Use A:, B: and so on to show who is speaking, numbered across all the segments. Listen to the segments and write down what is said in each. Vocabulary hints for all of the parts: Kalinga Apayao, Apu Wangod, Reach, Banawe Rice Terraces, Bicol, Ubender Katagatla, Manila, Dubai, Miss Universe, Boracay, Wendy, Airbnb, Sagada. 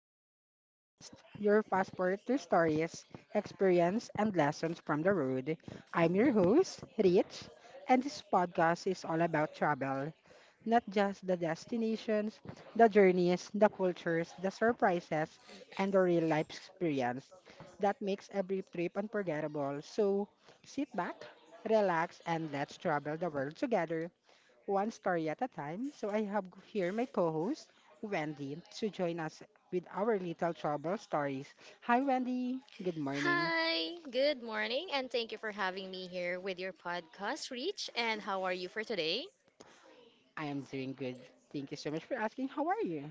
A: travel podcast, your passport to stories, experience and lessons from the road. I'm your host, Rich, and this podcast is all about travel, not just the destinations, the journeys, the cultures, the surprises, and the real life experience that makes every trip unforgettable. So sit back, relax and let's travel the world together one story at a time. So I have here my co-host, Wendy, to join us with our little trouble stories. Hi, Wendy. Good morning.
B: Hi, good morning, and thank you for having me here with your podcast, Reach. And how are you for today?
A: I am doing good. Thank you so much for asking. How are you?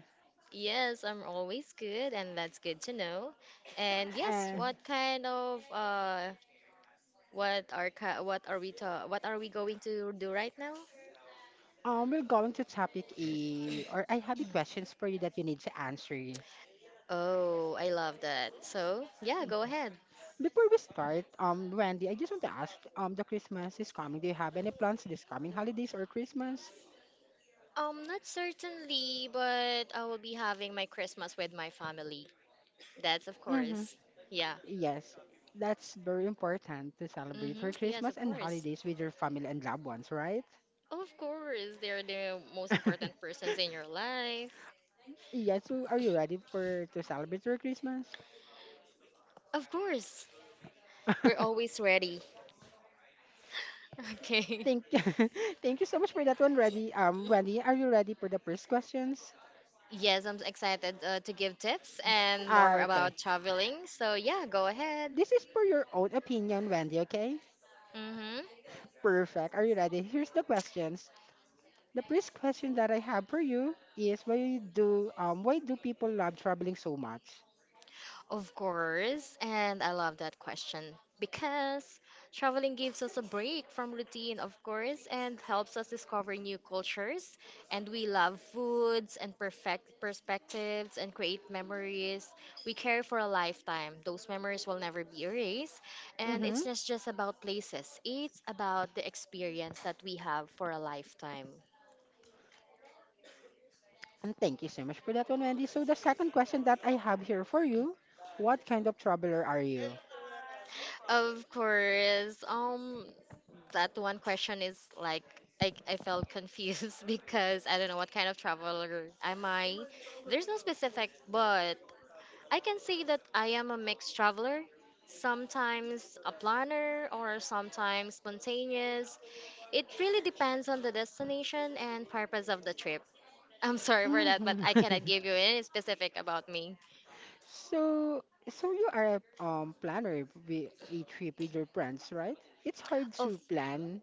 B: Yes, I'm always good, and that's good to know. And yes,
A: Uh,
B: what kind of what are ki- what are we ta- what are we going to do right now?
A: we're going to topic A, or I have a questions for you that you need to answer.
B: Oh, I love that. So yeah, go ahead.
A: Before we start, Wendy, I just want to ask, the Christmas is coming. Do you have any plans this coming holidays or Christmas?
B: Not certainly, but I will be having my Christmas with my family. That's of
A: Mm-hmm.
B: course. Yeah.
A: Yes, that's very important to celebrate
B: Mm-hmm.
A: your
B: Yes,
A: Christmas
B: of
A: and
B: course.
A: holidays with your family and loved ones, right?
B: Of course, they're the most important persons in your life.
A: Yes, so are you ready for to celebrate your Christmas?
B: Of course. We're always ready. Okay.
A: Thank thank you so much for that one, ready. Wendy, are you ready for the first questions?
B: Yes, I'm excited to give tips and
A: Ah,
B: more
A: okay.
B: about traveling. So, yeah, go ahead.
A: This is for your own opinion, Wendy, okay?
B: Mm-hmm.
A: Perfect. Are you ready? Here's the questions. The first question that I have for you is why do people love traveling so much?
B: Of course, and I love that question because traveling gives us a break from routine, of course, and helps us discover new cultures. And we love foods and perfect perspectives and create memories we carry for a lifetime. Those memories will never be erased. And
A: Mm-hmm.
B: it's not just about places, it's about the experience that we have for a lifetime.
A: And thank you so much for that one, Wendy. So the second question that I have here for you, what kind of traveler are you?
B: Of course. That one question is like I felt confused because I don't know what kind of traveler am I. There's no specific, but I can say that I am a mixed traveler. Sometimes a planner or sometimes spontaneous. It really depends on the destination and purpose of the trip. I'm sorry for that, but
A: Hmm.
B: I cannot give you any specific about me.
A: So, so you are a planner with a trip with your friends, right? It's hard
B: Of
A: to plan.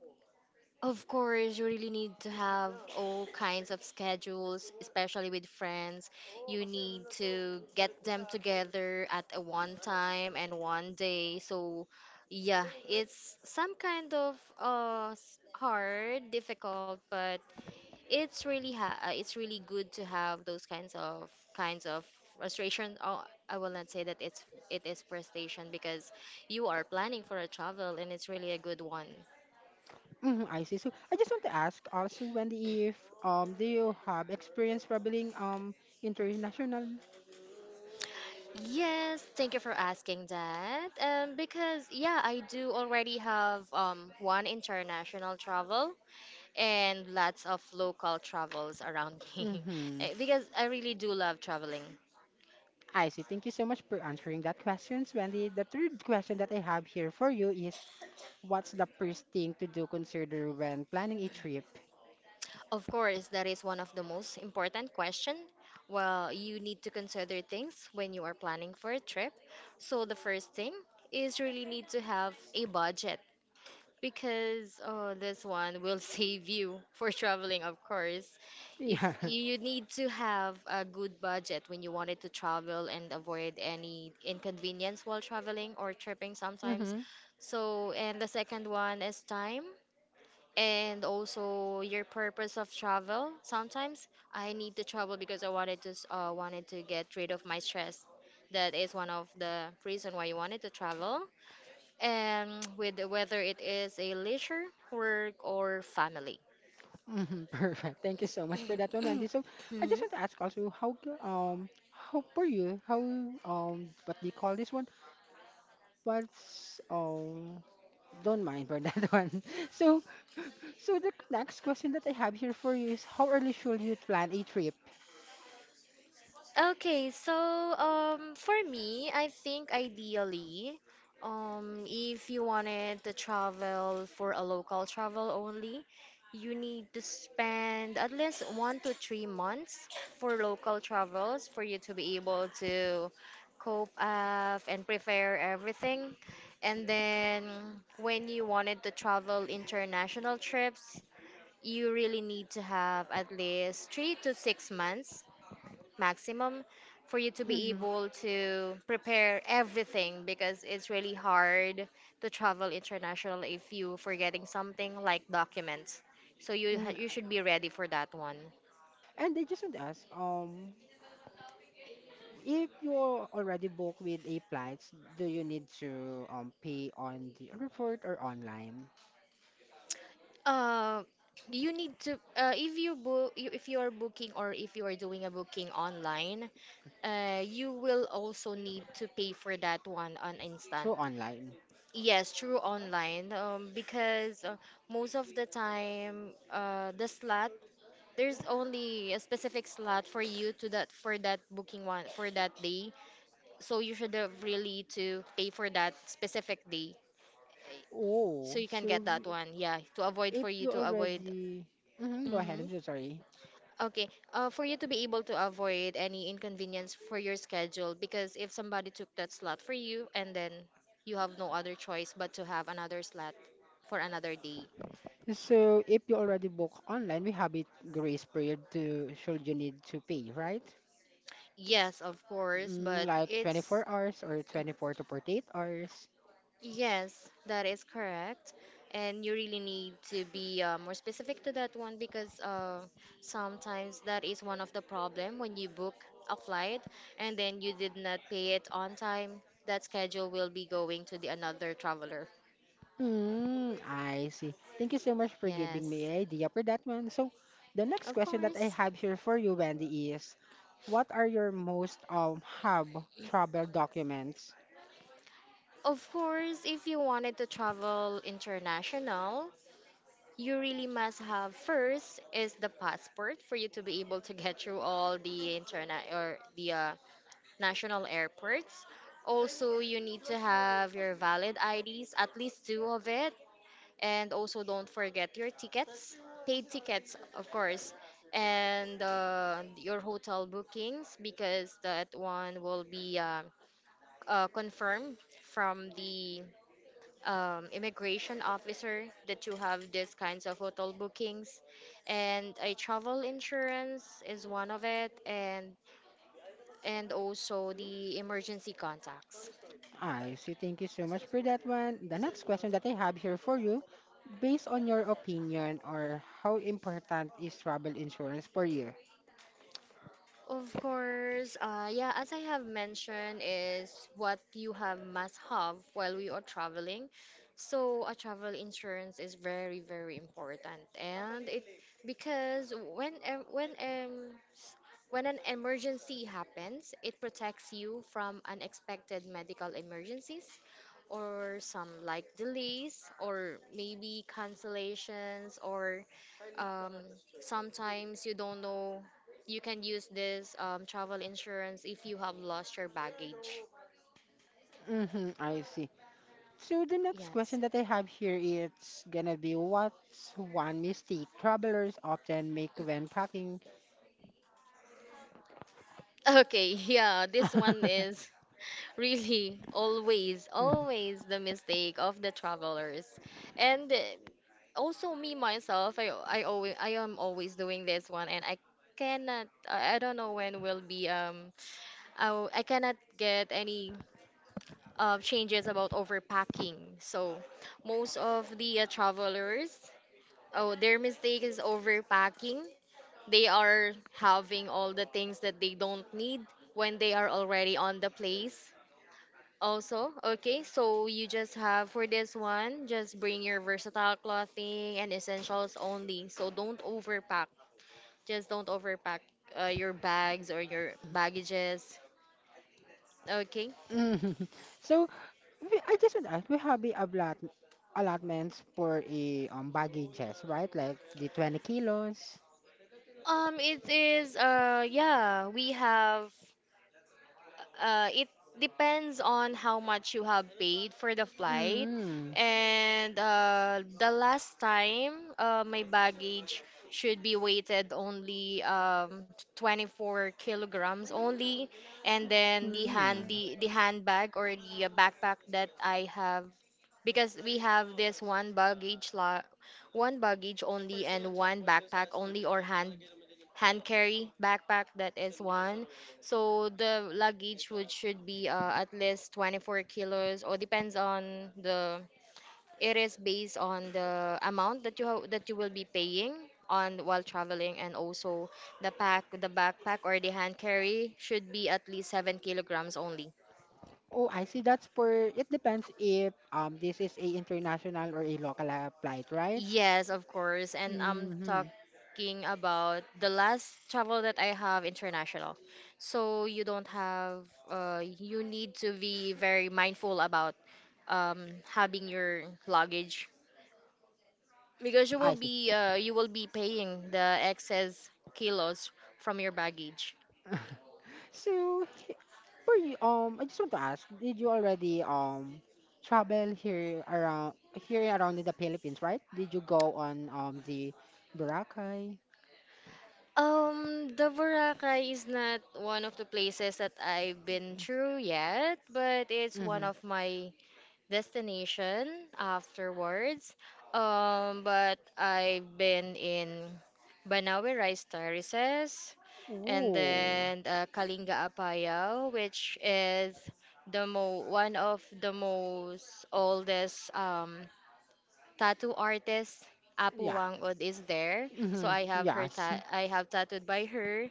B: Of course, you really need to have all kinds of schedules, especially with friends. You need to get them together at a one time and one day. So, yeah, it's some kind of hard, difficult, but it's really ha it's really good to have those kinds of frustration. Oh, I will not say that it is frustration because you are planning for a travel and it's really a good one.
A: Hmm. I see. So I just want to ask also, Wendy, if do you have experience traveling international?
B: Yes, thank you for asking that. Because yeah, I do already have one international travel and lots of local travels around me.
A: Mm-hmm.
B: Eh, because I really do love traveling.
A: I see. Thank you so much for answering that question, Wendy. The third question that I have here for you is, what's the first thing to do consider when planning a trip?
B: Of course, that is one of the most important question. Well, you need to consider things when you are planning for a trip. So the first thing is really need to have a budget. Because oh, this one will save you for traveling, of course. If
A: Yeah.
B: you need to have a good budget when you wanted to travel and avoid any inconvenience while traveling or tripping sometimes.
A: Mm-hmm.
B: So, and the second one is time and also your purpose of travel. Sometimes I need to travel because I wanted to get rid of my stress. That is one of the reason why you wanted to travel and with whether it is a leisure, work, or family.
A: Mm-hmm. Perfect. Thank you so much for that one, Wendy. So I just
B: Mhm.
A: want to ask also how g- how for you how what do you call this one? What's don't mind for that one. So the next question that I have here for you is how early should you plan a trip?
B: Okay, so for me, I think ideally, if you wanted to travel for a local travel only, you need to spend at least 1 to 3 months for local travels for you to be able to cope up and prepare everything. And then when you wanted to travel international trips, you really need to have at least 3 to 6 months maximum for you to be
A: Mm-hmm.
B: able to prepare everything because it's really hard to travel international if you forgetting something like documents. So you you
A: Mm-hmm.
B: should be ready for that one.
A: And I just want to ask if you're already booked with a flights, do you need to pay on the airport or online?
B: Uh, you need to if you are booking or if you are doing a booking online, you will also need to pay for that one on instant.
A: Through online.
B: Yes, through online because most of the time the slot, there's only a specific slot for you to that for that booking one for that day, so you should have really to pay for that specific day so
A: Oh,
B: you can
A: so
B: get that one, yeah, to avoid
A: if you already hmm go ahead,
B: hmm
A: I'm so sorry.
B: okay, for you to be able to avoid any inconvenience for your schedule, because if somebody took that slot for you and then you have no other choice but to have another slot for another day.
A: So if you already book online, we have a grace period to should you need to pay, right?
B: Yes, of course,
A: Mm,
B: but
A: like
B: it's.
A: 24 hours or 24 to 48 hours.
B: Yes, that is correct. And you really need to be more specific to that one, because sometimes that is one of the problem when you book a flight and then you did not pay it on time, that schedule will be going to the another traveler.
A: Mm, I see. Thank you so much for giving me
B: Yes,
A: an idea for that one. So, the next
B: of
A: question that I
B: course.
A: have here for you, Wendy, is what are your most hub travel documents?
B: Of course, if you wanted to travel international, you really must have first is the passport for you to be able to get through all the internet or the national airports. Also, you need to have your valid IDs, at least two of it. And also, don't forget your tickets, paid tickets, of course, and your hotel bookings because that one will be confirmed from the immigration officer that you have these kinds of hotel bookings. And a travel insurance is one of it, and also the emergency contacts.
A: I see. Thank you so much for that one. The next question that I have here for you, based on your opinion or how important is travel insurance per year?
B: Of course, yeah, as I have mentioned, is what you have must have while we are traveling. So a travel insurance is very, very important, and it because when em- when s- when an emergency happens, it protects you from unexpected medical emergencies or some like delays or maybe cancellations or um, sometimes you don't know you can use this travel insurance if you have lost your baggage.
A: Mm-hmm, I see. So the next
B: Yes.
A: question that I have here is gonna be what's one mistake travelers often make when packing.
B: Okay, yeah, this one is really always, always the mistake of the travelers. And also me myself, I am always doing this one and I cannot I I don't know when will be I cannot get any changes about overpacking. So most of the travelers, oh, their mistake is overpacking, they are having all the things that they don't need when they are already on the place. Also, okay, so you just have for this one, just bring your versatile clothing and essentials only, so don't overpack. Just don't overpack your bags or your baggages. Okay.
A: Mhm. So I just want to ask, we have the allotments for a baggages, right? Like the 20 kilos.
B: It is Yeah, we have, it depends on how much you have paid for the flight.
A: Mm.
B: And the last time, my baggage should be weighted only 24 kilograms only. And then
A: Mm.
B: the handbag or the backpack that I have, because we have this one baggage la one baggage only and one backpack only or hand carry backpack, that is one. So the luggage would should be at least 24 kilos or depends on the, it is based on the amount that that you will be paying on while traveling, and also the backpack or the hand carry should be at least 7 kilograms only.
A: Oh, I see. That's for it depends if this is a international or a local flight, right?
B: Yes, of course. And I'm
A: Mm-hmm.
B: talking about the last travel that I have international. So you don't have, you need to be very mindful about having your luggage because
A: I see.
B: you will be paying the excess kilos from your baggage.
A: So, for you, I just want to ask, did you already travel here around in the Philippines, right? Did you go on the Boracay?
B: The Boracay is not one of the places that I've been through yet, but it's one
A: Mm-hmm.
B: of my destination afterwards. But I've been in Banawe Rice Terraces and
A: Ooh,
B: then Kalinga Apayao, which is the mo one of the most oldest tattoo artist. Apu
A: yeah.
B: Wangod is there, so
A: Mm-hmm. Yes.
B: I have tattooed by her,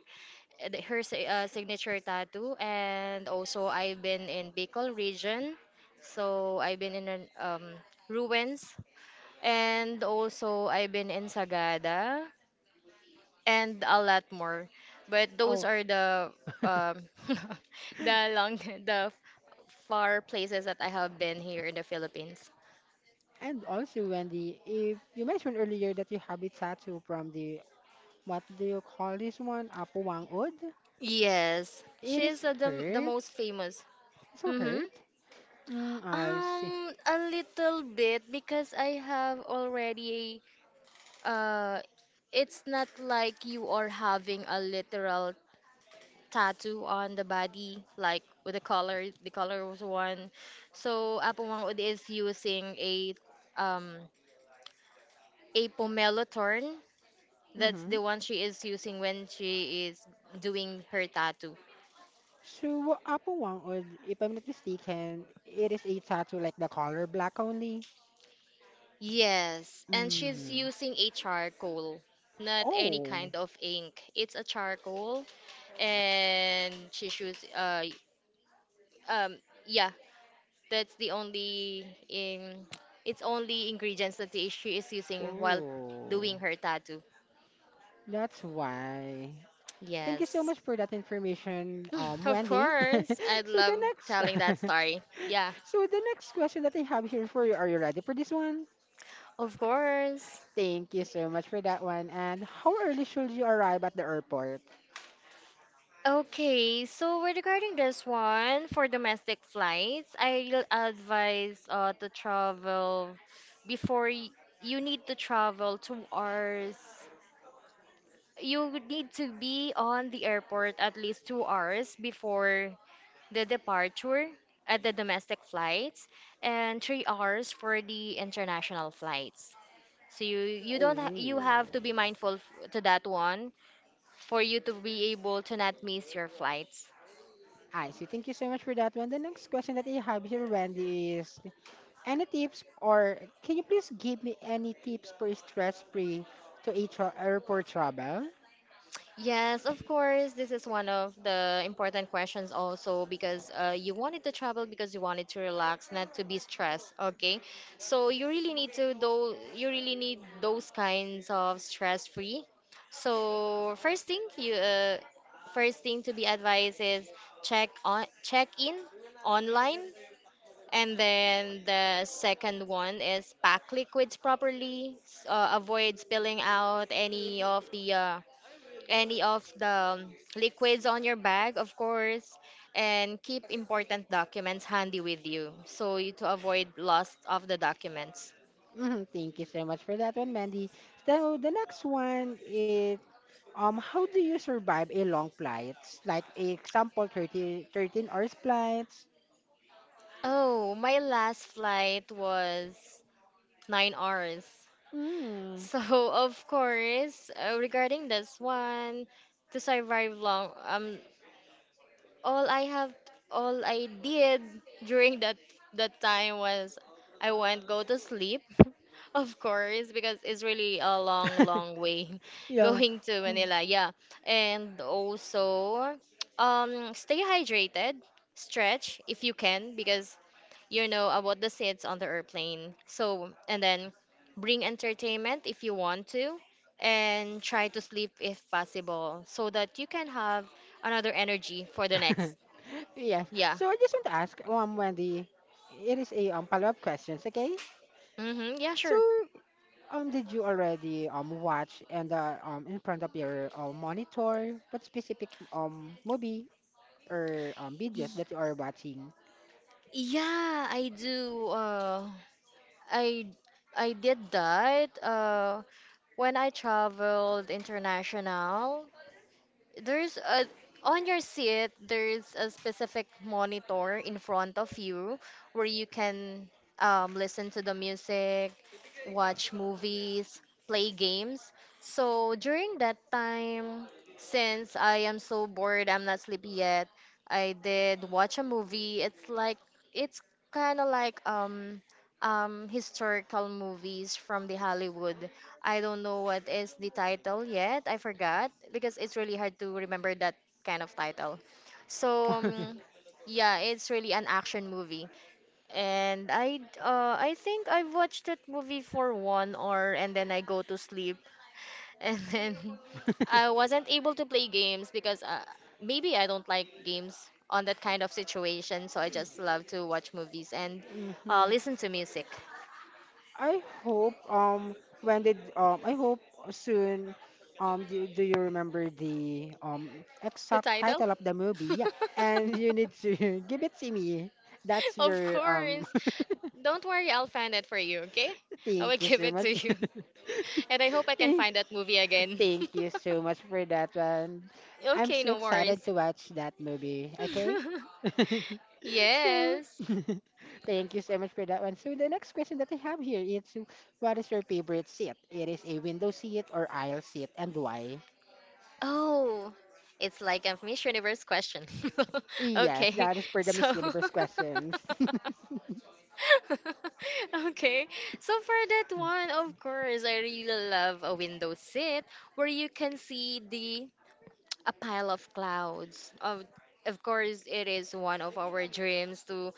B: her signature tattoo, and also I've been in Bicol region, so I've been in an, ruins, and also I've been in Sagada and a lot more, but those
A: Oh,
B: are the um, the long the far places that I have been here in the Philippines.
A: and also Wendy, if you mentioned earlier that you have a tattoo from the what do you call this one? Apuwangod?
B: Yes,
A: It is
B: she's the most
A: hurt.
B: famous.
A: So
B: Mm-hmm.
A: hurt? Mm, I see.
B: um a little bit because I have already. Uh, it's not like you are having a literal tattoo on the body, like with the color was one. So Apomangod is using um a pomelo thorn. That's
A: Mm-hmm.
B: the one she is using when she is doing her tattoo.
A: So, Apuwang, or if I'm not mistaken, it is a tattoo like the color black only.
B: Yes, and she's
A: Mm-hmm.
B: using a charcoal, not any
A: Oh,
B: kind of ink. It's a charcoal, and she's use um yeah that's the only in it's only ingredients that the she is using while
A: oh,
B: doing her tattoo.
A: that's why. Thank you so
B: Yes.
A: much for that information,
B: Of
A: Wendy.
B: course, I'd
A: So the
B: love
A: next,
B: telling that story. Yeah,
A: so the next question that I have here for you, are you ready for this one?
B: of course.
A: Thank you so much for that one. And how early should you arrive at the airport?
B: Okay, so with regarding this one, for domestic flights, I'll advise to before y- you need to travel 2 hours. You would need to be on the airport at least 2 hours before the departure at the domestic flights, and 3 hours for the international flights. So you don't ha- you
A: Oh,
B: have to be mindful to that one for you to be able to not miss your flights.
A: I see. Thank you so much for that one. The next question that I have here, Wendy, is any tips, or can you please give me any tips for stress-free to a tra airport travel?
B: Yes, of course. This is one of the important questions also because you wanted to travel because you wanted to relax, not to be stressed. Okay, so you really need to though you really need those kinds of stress free. So first thing to be advised is check in online, and then the second one is pack liquids properly. Avoid spilling out any of the any of the liquids on your bag, of course, and keep important documents handy with you so you to avoid loss of the documents.
A: Mhm, thank you so much for that one, Mandy. So the next one is how do you survive a long flights? Like example, thirty thirteen hours flights.
B: Oh, my last flight was 9 hours.
A: Mm.
B: So of course, regarding this one, to survive long, all I have all I did during that time was I won't go to sleep, of course, because it's really a long, long way
A: Yeah.
B: going to
A: Mm.
B: Manila, yeah, and also stay hydrated, stretch if you can because you know about the seats on the airplane, so and then bring entertainment if you want to, and try to sleep if possible so that you can have another energy for the next.
A: Yes.
B: Yeah.
A: So I just want to ask, Wendy, it is a follow-up questions, okay?
B: Mm-hmm. Yeah,
A: So
B: sure.
A: Did you already watch and in front of your monitor what specific movie or videos
B: Y-
A: that you are watching?
B: yeah, I do. I I did that. When I traveled international, there's a on your seat there's a specific monitor in front of you where you can listen to the music, watch movies, play games. So during that time, since I am so bored, I'm not sleepy yet, I did watch a movie. It's like it's kind of like historical movies from the Hollywood. I don't know what is the title yet. I forgot because it's really hard to remember that kind of title. So um, yeah, it's really an action movie, and I think I've watched that movie for 1 hour, and then I go to sleep, and then I wasn't able to play games because maybe I don't like games on that kind of situation. So I just love to watch movies and
A: Mm-hmm.
B: listen to music.
A: I hope when did I hope soon do you remember the
B: The
A: exact
B: title?
A: title of the movie? Yeah. And you need to give it to me. That's
B: Of
A: your
B: course. Don't worry, I'll find it for you, okay? I will
A: thank you
B: give
A: so
B: it
A: much.
B: to you. And I hope I can
A: Thank-
B: find that movie again.
A: Thank you so much for that one. I'm
B: Okay,
A: so
B: no
A: excited
B: worries.
A: to watch that movie, okay? So,
B: Yes.
A: thank you so much for that one. So, the next question that I have here is what is your favorite seat? It is a window seat or aisle seat, and why?
B: Oh, it's like a Miss Universe question.
A: Yes,
B: Okay,
A: that is for the
B: so.
A: Miss Universe questions.
B: Okay, so for that one, of course, I really love a window seat where you can see the a pile of clouds. Of course, it is one of our dreams to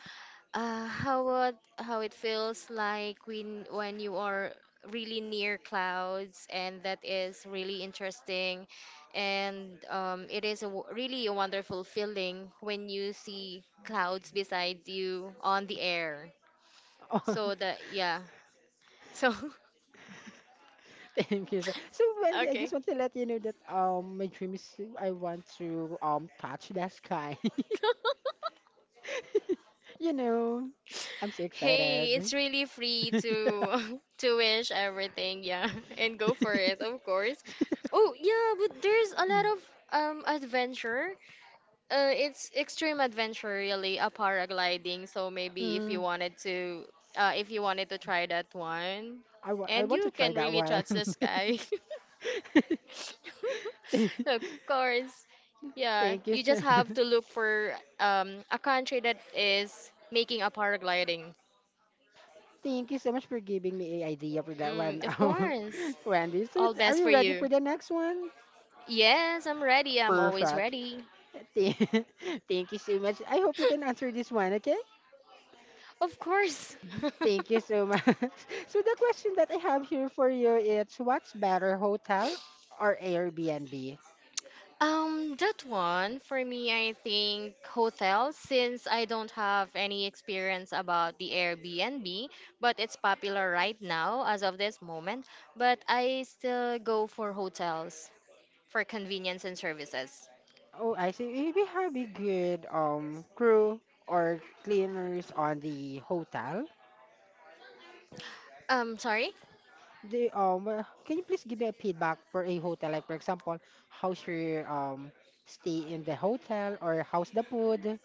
B: how it feels like when you are really near clouds, and that is really interesting, and it is really a wonderful feeling when you see clouds beside you on the air.
A: Oh,
B: So that, yeah, so.
A: thank you. So, so Wendy, I
B: Okay.
A: just want to let you know that my dream is to- I want to touch the sky. You know, I'm so
B: Hey,
A: excited.
B: it's really free to to wish everything, yeah, and go for it, of course. Oh, yeah, but there's a lot of adventure. It's extreme adventure really, a paragliding. So maybe if you
A: mm,
B: wanted to, if you wanted to try that one,
A: I, wa- I
B: and
A: want to
B: you
A: try
B: can
A: that
B: really
A: one.
B: touch the sky.
A: Th-
B: Of course. Yeah,
A: Thank you.
B: you just
A: So-
B: have to look for a country that is making a paragliding.
A: Thank you so much for giving me an idea for that one,
B: Mm, of course.
A: Wendy. So,
B: All
A: are
B: best for
A: you ready
B: you.
A: for the next one?
B: Yes, I'm ready. I'm always
A: Perfect.
B: ready.
A: Th- Thank you so much. I hope you can answer this one, okay?
B: Of course.
A: Thank you so much. So, the question that I have here for you is what's better, hotel or Airbnb?
B: That one for me, I think hotel, since I don't have any experience about the Airbnb, but it's popular right now as of this moment. But I still go for hotels for convenience and services.
A: Oh, I see. We have a good crew or cleaners on the hotel.
B: Sorry?
A: The Can you please give me a feedback for a hotel? Like for example, how's your stay in the hotel or how's the food?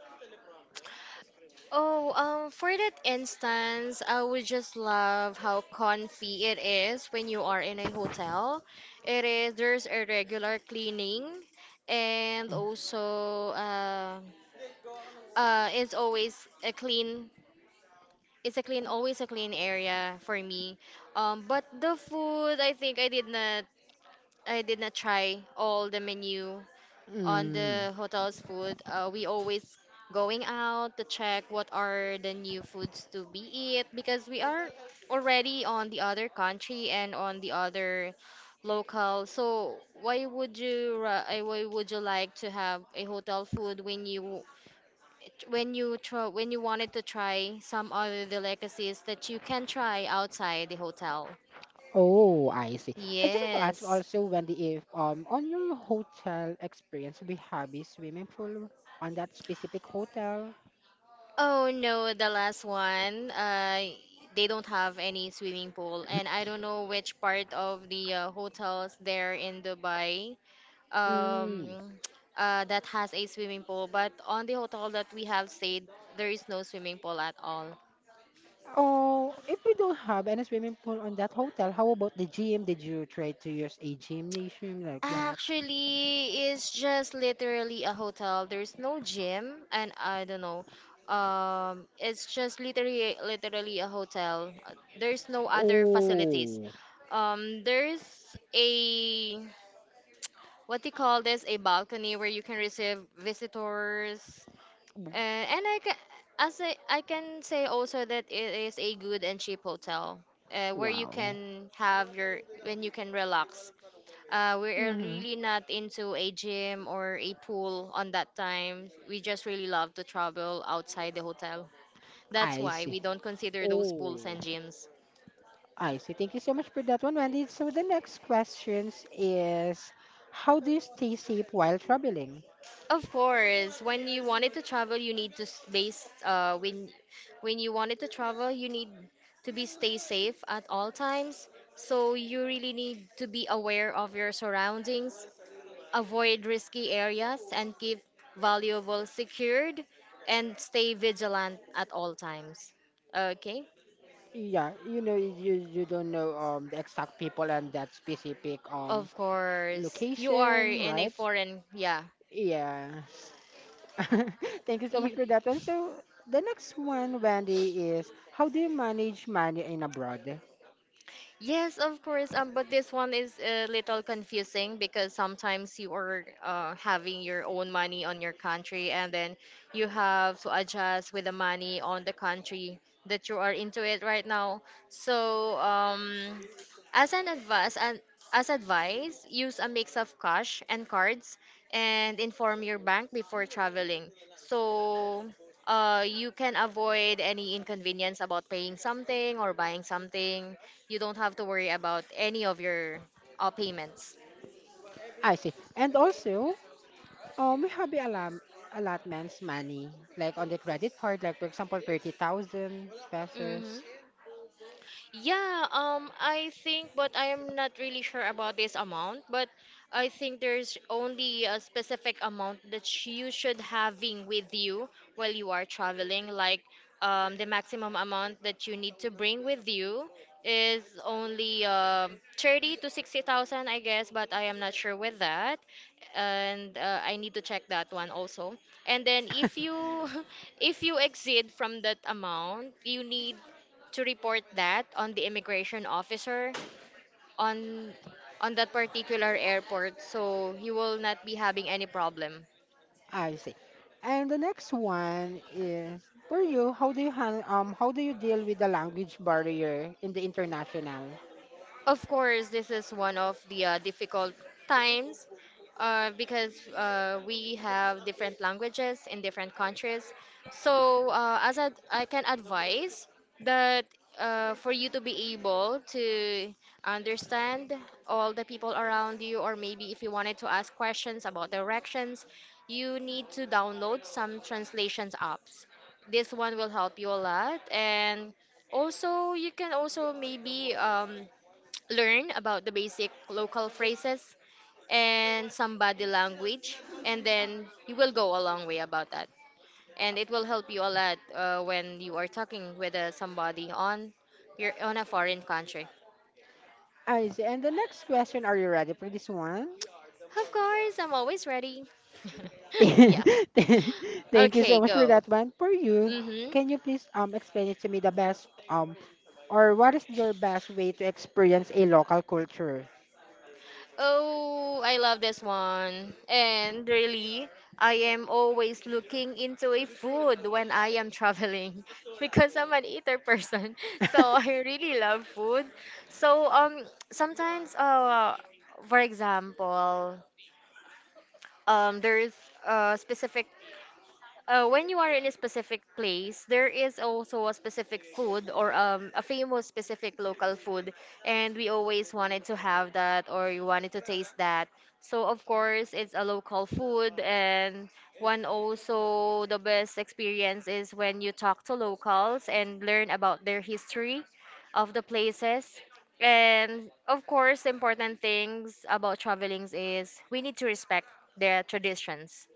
B: Oh, for that instance, I would just love how comfy it is when you are in a hotel. It is there's a regular cleaning, and
A: Mm.
B: also it's always a clean. Always a clean area for me. But the food, I did not try all the menu on
A: Mm.
B: the hotel's food. We always going out to check what are the new foods to be eat because we are already on the other country and on the other local. So why would you like to have a hotel food when you try when you wanted to try some other delicacies that you can try outside the hotel?
A: Oh, I see. I just want to ask
B: Yes.
A: also, Wendy, if on your hotel experience, we have a swimming pool on that specific hotel.
B: Oh no, the last one. They don't have any swimming pool, and I don't know which part of the hotels there in Dubai,
A: Mm.
B: um, that has a swimming pool. But on the hotel that we have stayed, there is no swimming pool at all.
A: Oh, if we don't have any swimming pool on that hotel, how about the gym? Did you try to use a gymnasium like that?
B: Actually, it's just literally a hotel. There's no gym, and I don't know. It's just literally a hotel. There's no other facilities.
A: Oh,
B: There's a, what do you call this? A balcony where you can receive visitors.
A: w-
B: Uh, and I can I can say also that it is a good and cheap hotel, where you
A: wow.
B: can have your when you can relax. We are
A: Mm-hmm.
B: really not into a gym or a pool on that time. We just really love to travel outside the hotel. That's
A: I
B: why
A: see.
B: we don't consider those
A: Oh,
B: pools and gyms.
A: I see. Thank you so much for that one, Wendy. So the next questions is, how do you stay safe while traveling?
B: Of course, when you wanted to travel, you need to s- base. When you wanted to travel, you need to be stay safe at all times. So you really need to be aware of your surroundings, avoid risky areas, and keep valuable secured, and stay vigilant at all times. Okay,
A: Yeah, you don't know the exact people and that specific
B: of course, you are
A: location,
B: in a
A: right?
B: foreign, yeah,
A: Yeah. Thank you so much
B: you.
A: for that one. So the next one, Wendy, is how do you manage money in abroad?
B: Yes, of course. But this one is a little confusing because sometimes you are having your own money on your country, and then you have to adjust with the money on the country that you are into it right now. So, as an advice, and as advice, use a mix of cash and cards, and inform your bank before traveling. So. You can avoid any inconvenience about paying something or buying something. You don't have to worry about any of your payments.
A: I see. And also, we have the alum allotments money, like on the credit card, like for example, 30,000
B: Mm-hmm.
A: pesos.
B: Yeah, I think, but I am not really sure about this amount, but I think there's only a specific amount that you should having with you while you are traveling. Like, the maximum amount that you need to bring with you is only 30 to 60,000, I guess, but I am not sure with that. And I need to check that one also. And then if you if you exceed from that amount, you need to report that on the immigration officer on on that particular airport so you will not be having any problem.
A: I see. And the next one is for you, how do you deal with the language barrier in the international?
B: Of course, this is one of the difficult times because we have different languages in different countries. So, I can advise that for you to be able to understand all the people around you, or maybe if you wanted to ask questions about directions, you need to download some translations apps. This one will help you a lot, and also you can also maybe. Learn about the basic local phrases and some body language, and then you will go a long way about that, and it will help you a lot when you are talking with somebody on your on a foreign country.
A: I see. And the next question, are you ready for this one?
B: Of course, I'm always ready. Yeah.
A: Thank you
B: Okay,
A: so much for
B: go.
A: that one. For you,
B: Mm-hmm.
A: can you please explain it to me the best or what is your best way to experience a local culture?
B: Oh, I love this one. And really, I am always looking into a food when I am traveling because I'm an eater person. So I really love food. So um, sometimes uh, for example, there's a specific when you are in a specific place, there is also a specific food or a famous specific local food, and we always wanted to have that or you wanted to taste that. So of course, it's a local food, and one also the best experience is when you talk to locals and learn about their history of the places. And of course, important things about travelings is we need to respect their traditions.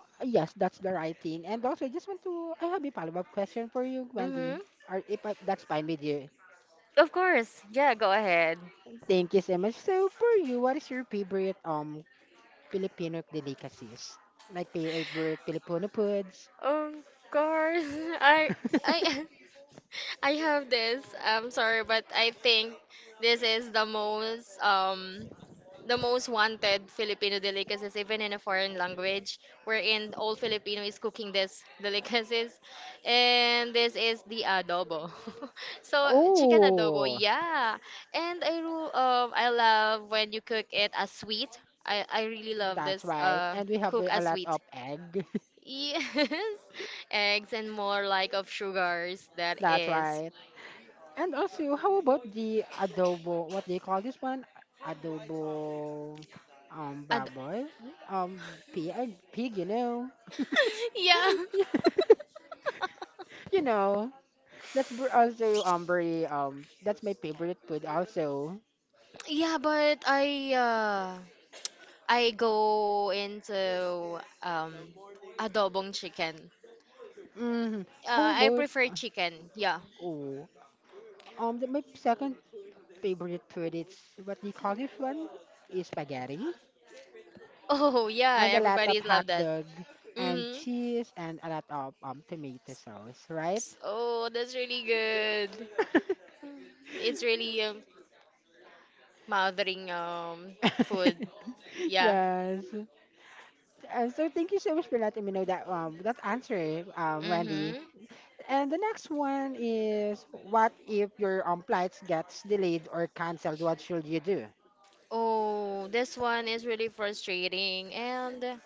A: Yes, that's the right thing. And also, I just want to I have a follow-up question for you, Wendy.
B: Mm-hmm.
A: Or if that's fine with you.
B: Of course. Yeah, go ahead.
A: Thank you so much. So for you, what is your favorite Filipino delicacies? Like favorite Filipino foods?
B: Of course, I I I have this. I'm sorry, but I think this is the most wanted Filipino delicacies, even in a foreign language, wherein all Filipino is cooking this delicacies, and this is the adobo. So chicken adobo,
A: Oh,
B: yeah. And I I love when you cook it as sweet. I really love
A: that's
B: this
A: right. And we have
B: cook
A: a
B: as
A: lot
B: sweet.
A: of egg.
B: Yes, eggs and more like of sugars. That
A: That's
B: is.
A: right. And also, how about the adobo? What do you call this one? Adobo
B: And
A: baboy? Pig, pig.
B: yeah,
A: You know, that's my favorite food also.
B: yeah. But I go into adobong chicken.
A: Mm,
B: Uh,
A: how
B: I
A: about
B: prefer chicken. Yeah.
A: oh my second favorite food is what do you call this one? Is spaghetti
B: Oh yeah,
A: and a lot of
B: everybody
A: hot
B: love that.
A: dog and
B: Mm-hmm.
A: cheese and a lot of tomato sauce, right?
B: Oh, that's really good. It's really mouthing food. Yeah.
A: yes. So thank you so much for letting me know that answer, Wendy.
B: Mm-hmm.
A: And the next one is what if your flights gets delayed or cancelled? What should you do?
B: Oh, this one is really frustrating. And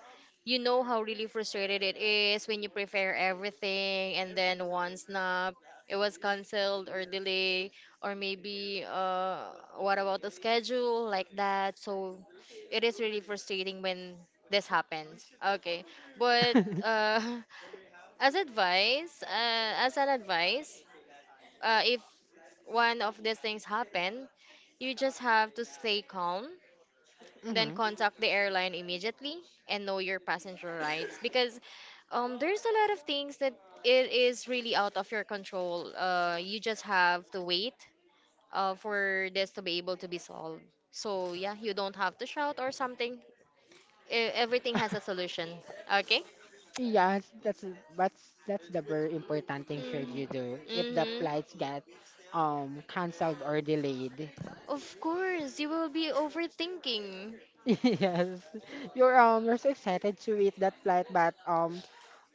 B: you know how really frustrated it is when you prepare everything and then once snap, it was canceled or delay, or maybe what about the schedule like that? So it is really frustrating when this happens. Okay, but uh, as advice, as an advice, if one of these things happen, you just have to stay calm then
A: Mm-hmm.
B: contact the airline immediately and know your passenger rights because there's a lot of things that it is really out of your control. You just have to wait for this to be able to be solved. So yeah, you don't have to shout or something. Everything has a solution. Okay.
A: Yes, that's the very important thing should
B: Mm.
A: you do if the
B: Mhm.
A: flights get cancelled or delayed.
B: Of course, you will be overthinking.
A: Yes, you're so excited to eat that flight, but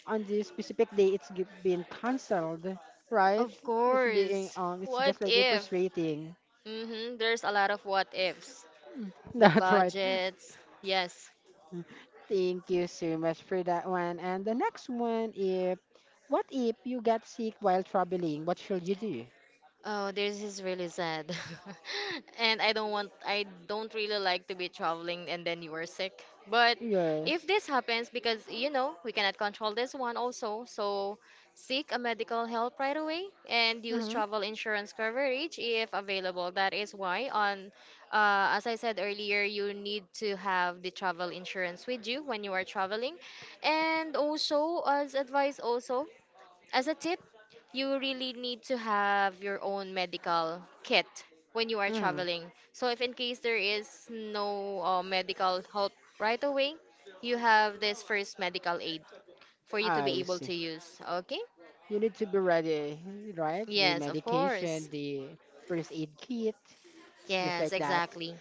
A: on this specific day been cancelled, right?
B: Of
A: It's being
B: course.
A: it's
B: What
A: just like a
B: if?
A: frustrating.
B: Mhm. There's a lot of what ifs.
A: Mm,
B: The
A: that's right.
B: budgets. Yes.
A: Thank you so much for that one. And the next one if what if you get sick while traveling? What should you do?
B: Oh, this is really sad. And I don't really like to be traveling and then you are sick. But if
A: Yes.
B: this happens, because you know, we cannot control this one also, so seek a medical help right away and use
A: Mm-hmm.
B: travel insurance coverage if available. That is why on, as I said earlier, you need to have the travel insurance with you when you are traveling. And also, as advice also, as a tip, you really need to have your own medical kit when you are
A: Mm-hmm.
B: traveling. So if in case there is no medical help right away, you have this first medical aid for you to be
A: I
B: able
A: see.
B: to use. Okay?
A: You need to be ready, right? The
B: Yes, of
A: medication,
B: course.
A: the first aid kit, it's just
B: Yes,
A: like that.
B: exactly.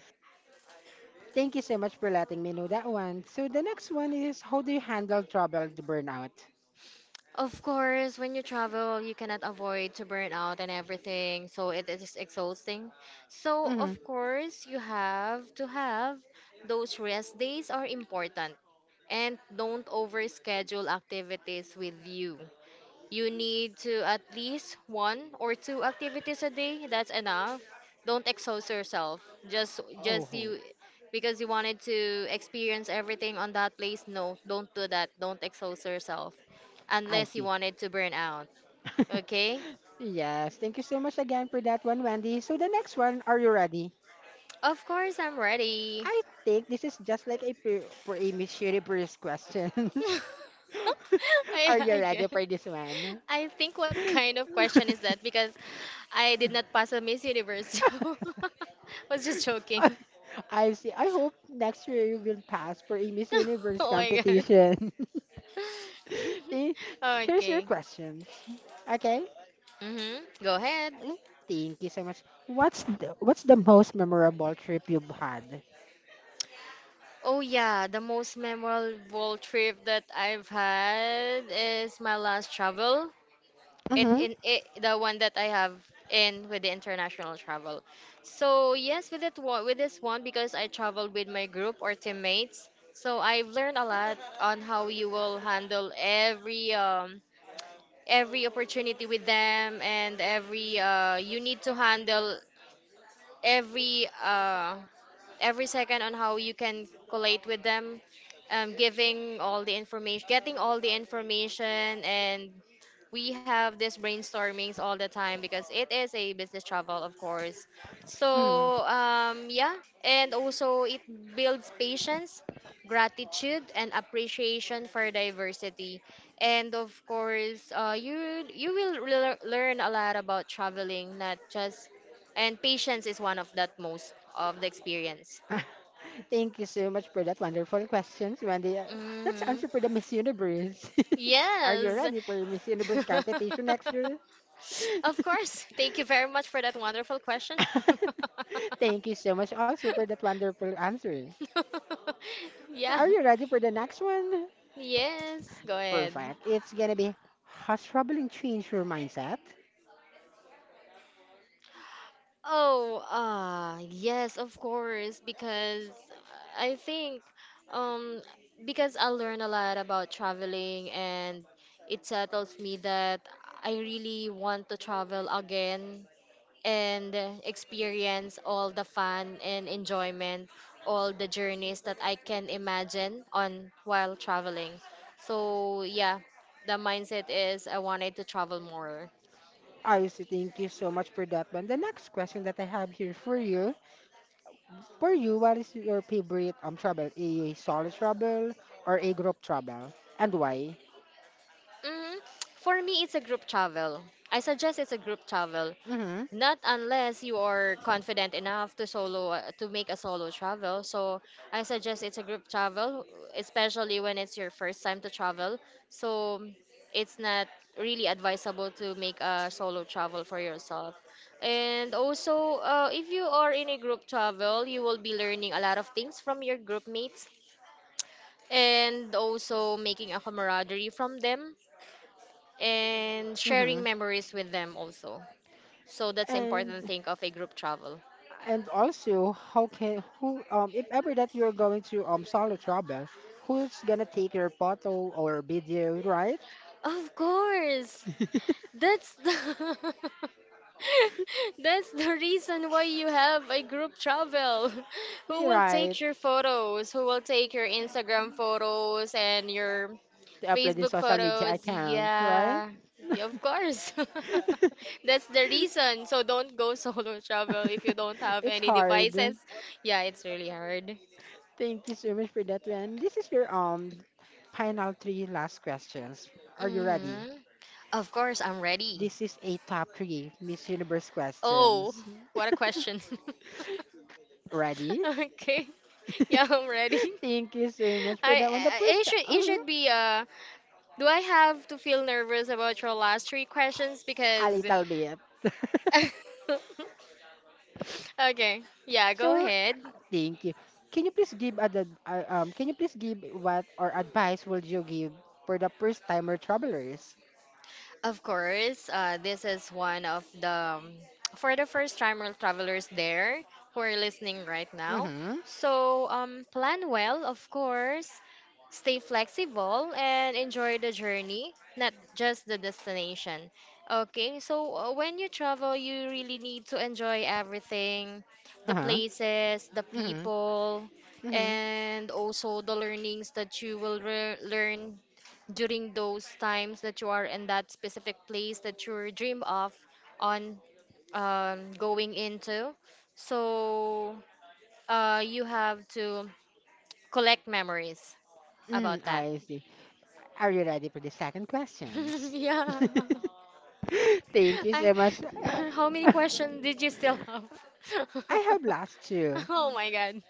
A: Thank you so much for letting me know that one. So the next one is how do you handle trouble to burnout?
B: Of course, when you travel, you cannot avoid to burn out and everything, so it is exhausting. So,
A: Mm-hmm.
B: of course, you have to have those rest days are important and don't overschedule activities with you. You need to at least one or two activities a day. That's enough. Don't exhaust yourself. Just
A: Oh,
B: you because you wanted to experience everything on that place. No, don't do that. Don't exhaust yourself
A: I
B: unless you
A: see.
B: wanted to burn out. Okay?
A: Yes, thank you so much again for that one, Wendy. So the next one, are you ready?
B: Of course I'm ready.
A: I think this is just like a pre Miss Universe questions. Are you
B: I guess.
A: ready for this one?
B: I think what kind of question is that? Because I did not pass a Miss Universe. So was just joking.
A: I see. I hope next year you will pass for a Miss Universe
B: Oh my god.
A: competition. Eh, here's your
B: Okay.
A: questions. Okay?
B: Mm-hmm. Go ahead.
A: Eh, thank you so much. What's the most memorable trip you've had?
B: Oh yeah, the most memorable trip that I've had is my last travel.
A: Mm-hmm.
B: The one that I have in with the international travel. So yes, with this one because I traveled with my group or teammates. So I've learned a lot on how you will handle every opportunity with them and every you need to handle every uh every second on how you can collate with them, giving all the information, getting all the information, and we have these brainstormings all the time because it is a business travel, of course.
A: Mm-hmm.
B: So yeah, and also it builds patience, gratitude, and appreciation for diversity. And of course, you will learn a lot about traveling, not just and patience is one of that most of the experience.
A: Thank you so much for that wonderful questions, Wendy. Let's
B: Hmm.
A: answer for the Miss Universe. Are you
B: Yes.
A: ready for your Miss Universe competition next year?
B: Of course. Thank you very much for that wonderful question.
A: Thank you so much also for that wonderful answer.
B: Yeah.
A: Are you ready for the next one?
B: Yes. Go ahead.
A: Perfect. It's gonna be has traveling changed your mindset?
B: Oh, yes, of course, because I think um because I learn a lot about traveling and it settles me that I really want to travel again and experience all the fun and enjoyment, all the journeys that I can imagine on while traveling. So yeah, the mindset is I wanted to travel more.
A: I Icy, thank you so much for that one. The next question that I have here for you, what is your favorite trouble? A solo trouble or a group trouble, and why?
B: Mm, for me, it's a group travel. I suggest it's a group travel.
A: Mm-hmm.
B: Not unless you are confident enough to solo to make a solo travel. So I suggest it's a group travel, especially when it's your first time to travel. So it's not really advisable to make a solo travel for yourself. And also, if you are in a group travel, you will be learning a lot of things from your group mates and also making a camaraderie from them and
A: Mm-hmm.
B: sharing memories with them also. So that's the
A: And
B: important thing of a group travel.
A: also, how can who if ever that you're going to solo trouble, who's gonna take your photo or video, right?
B: Of course. That's the that's the reason why you have a group travel. Who
A: You're
B: will
A: right.
B: take your photos? Who will take your Instagram photos and your
A: To upload in
B: Facebook
A: social media
B: photos?
A: account, right?
B: Yeah. Yeah, of course. That's the reason. So don't go solo travel if you don't have
A: It's
B: any
A: hard.
B: devices. Yeah, it's really hard.
A: Thank you so much for that one. This is your final three last questions. Are you ready?
B: Mhm. Of course, I'm ready.
A: This is a top three Miss Universe
B: Oh,
A: questions.
B: what a question.
A: Ready?
B: Okay. Yeah, I'm ready.
A: Thank you so much for that one. The
B: I
A: first,
B: it should it
A: mhm,
B: should be do I have to feel nervous about your last three questions
A: a
B: because
A: little bit.
B: okay. Yeah, go
A: Sure.
B: ahead.
A: Thank you. Can you please give ad can you please give what or advice would you give for the first timer travelers?
B: Of course, this is one of the um, for the first timer travelers there who are listening right now.
A: Mm-hmm.
B: So plan well, of course, stay flexible and enjoy the journey, not just the destination. Okay, so when you travel, you really need to enjoy everything, the
A: Uh-huh.
B: places, the
A: Mm-hmm.
B: people,
A: Mm-hmm.
B: and also the learnings that you will learn during those times that you are in that specific place that you dream of on going into. So you have to collect memories about
A: Mm-hmm.
B: that.
A: I see. Are you ready for the second questions?
B: Yeah.
A: Thank you
B: I,
A: so much.
B: how many questions did you still have?
A: I have lost too.
B: Oh my god.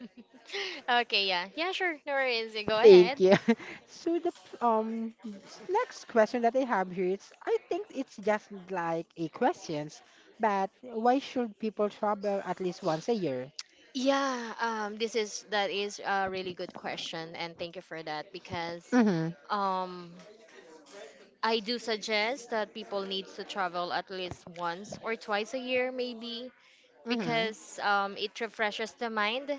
B: Okay, yeah. Yeah, sure. No worries. You go
A: Thank
B: ahead.
A: you. So the um next question that I have here is I think it's just like a questions, but why should people travel at least once a year?
B: Yeah, this is that is a really good question, and thank you for that because
A: Mhm.
B: um I do suggest that people need to travel at least once or twice a year, maybe,
A: Mhm.
B: because it refreshes the mind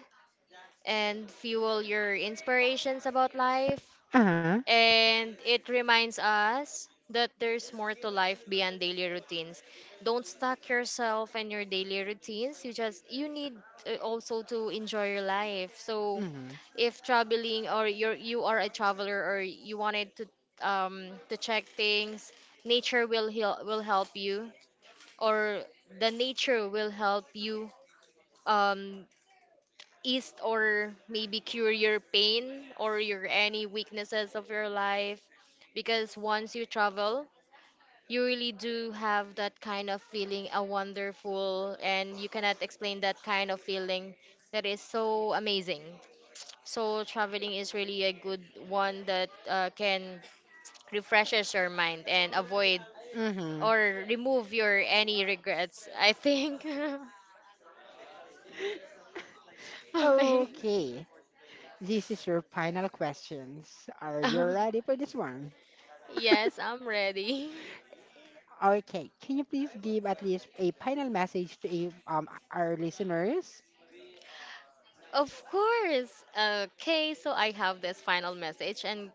B: and fuel your inspirations about life.
A: Uh-huh.
B: And it reminds us that there's more to life beyond daily routines. Don't stuck yourself in your daily routines. You just you need also to enjoy your life. So
A: Mhm.
B: if traveling or you are a traveler or you wanted to check things, will help you or the nature will help you um ease or maybe cure your pain or your any weaknesses of your life because once you travel you really do have that kind of feeling a wonderful and you cannot explain that kind of feeling that is so amazing, so traveling is really a good one that can refreshes your mind and avoid
A: Mhm.
B: or remove your any regrets, I think. Okay.
A: Okay. This is your final questions. Are you ready for this one?
B: Yes, I'm ready.
A: Okay, can you please give at least a final message to a, our listeners?
B: Of course. Okay, so I have this final message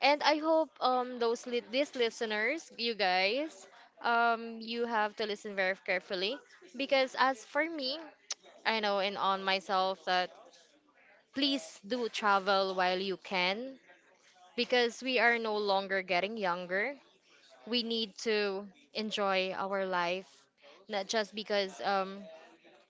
B: and I hope those these listeners, you guys, you have to listen very carefully because as for me, I know and on myself that please do travel while you can because we are no longer getting younger. We need to enjoy our life not just because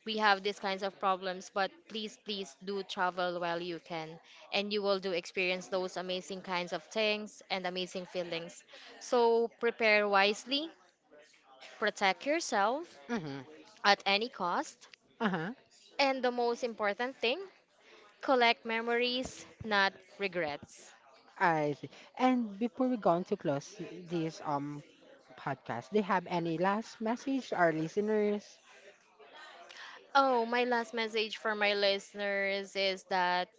B: we have these kinds of problems but please do travel while you can and you will do experience those amazing kinds of things and amazing feelings, so prepare wisely, protect yourself
A: Mm-hmm.
B: at any cost,
A: Uh-huh.
B: and the most important thing, collect memories not regrets.
A: I see. And before we go on to close this podcast, do you have any last message to our listeners?
B: Oh, my last message for my listeners is that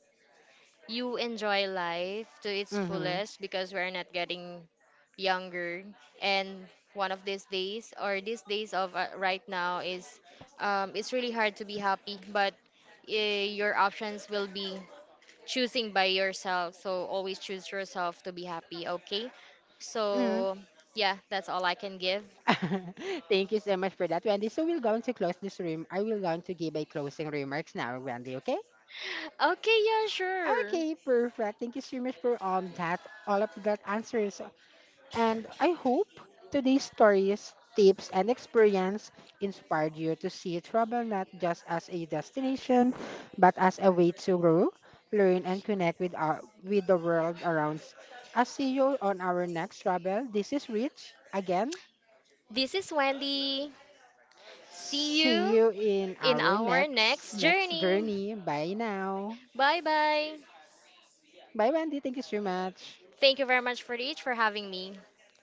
B: you enjoy life to its
A: Mm-hmm.
B: fullest because we're not getting younger and one of these days or these days of right now is it's really hard to be happy but uh, your options will be choosing by yourself, so always choose yourself to be happy. Okay,
A: Mm-hmm.
B: so yeah, that's all I can give.
A: Thank you so much for that, Wendy. So we'll go on to close this room. I will go on to give a closing remarks now, Wendy, okay?
B: Okay, yeah, sure.
A: Okay, perfect. Thank you so much for that all of that answers. And I hope today's stories, tips, and experience inspired you to see travel not just as a destination, but as a way to grow, learn, and connect with our with the world around us. I'll see you on our next travel. This is Rich again.
B: This is Wendy. See
A: See
B: you
A: you in
B: in
A: our
B: our next
A: next
B: journey.
A: journey. Bye now.
B: Bye bye.
A: Bye Wendy. Thank you so much.
B: Thank you very much for each for having me.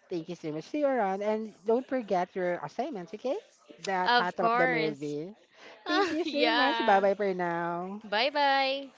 A: Thank you so much. See you around. And don't forget your assignments, okay? The
B: Of
A: title of the
B: course.
A: movie. Thank you so much. Bye bye for now.
B: Bye bye.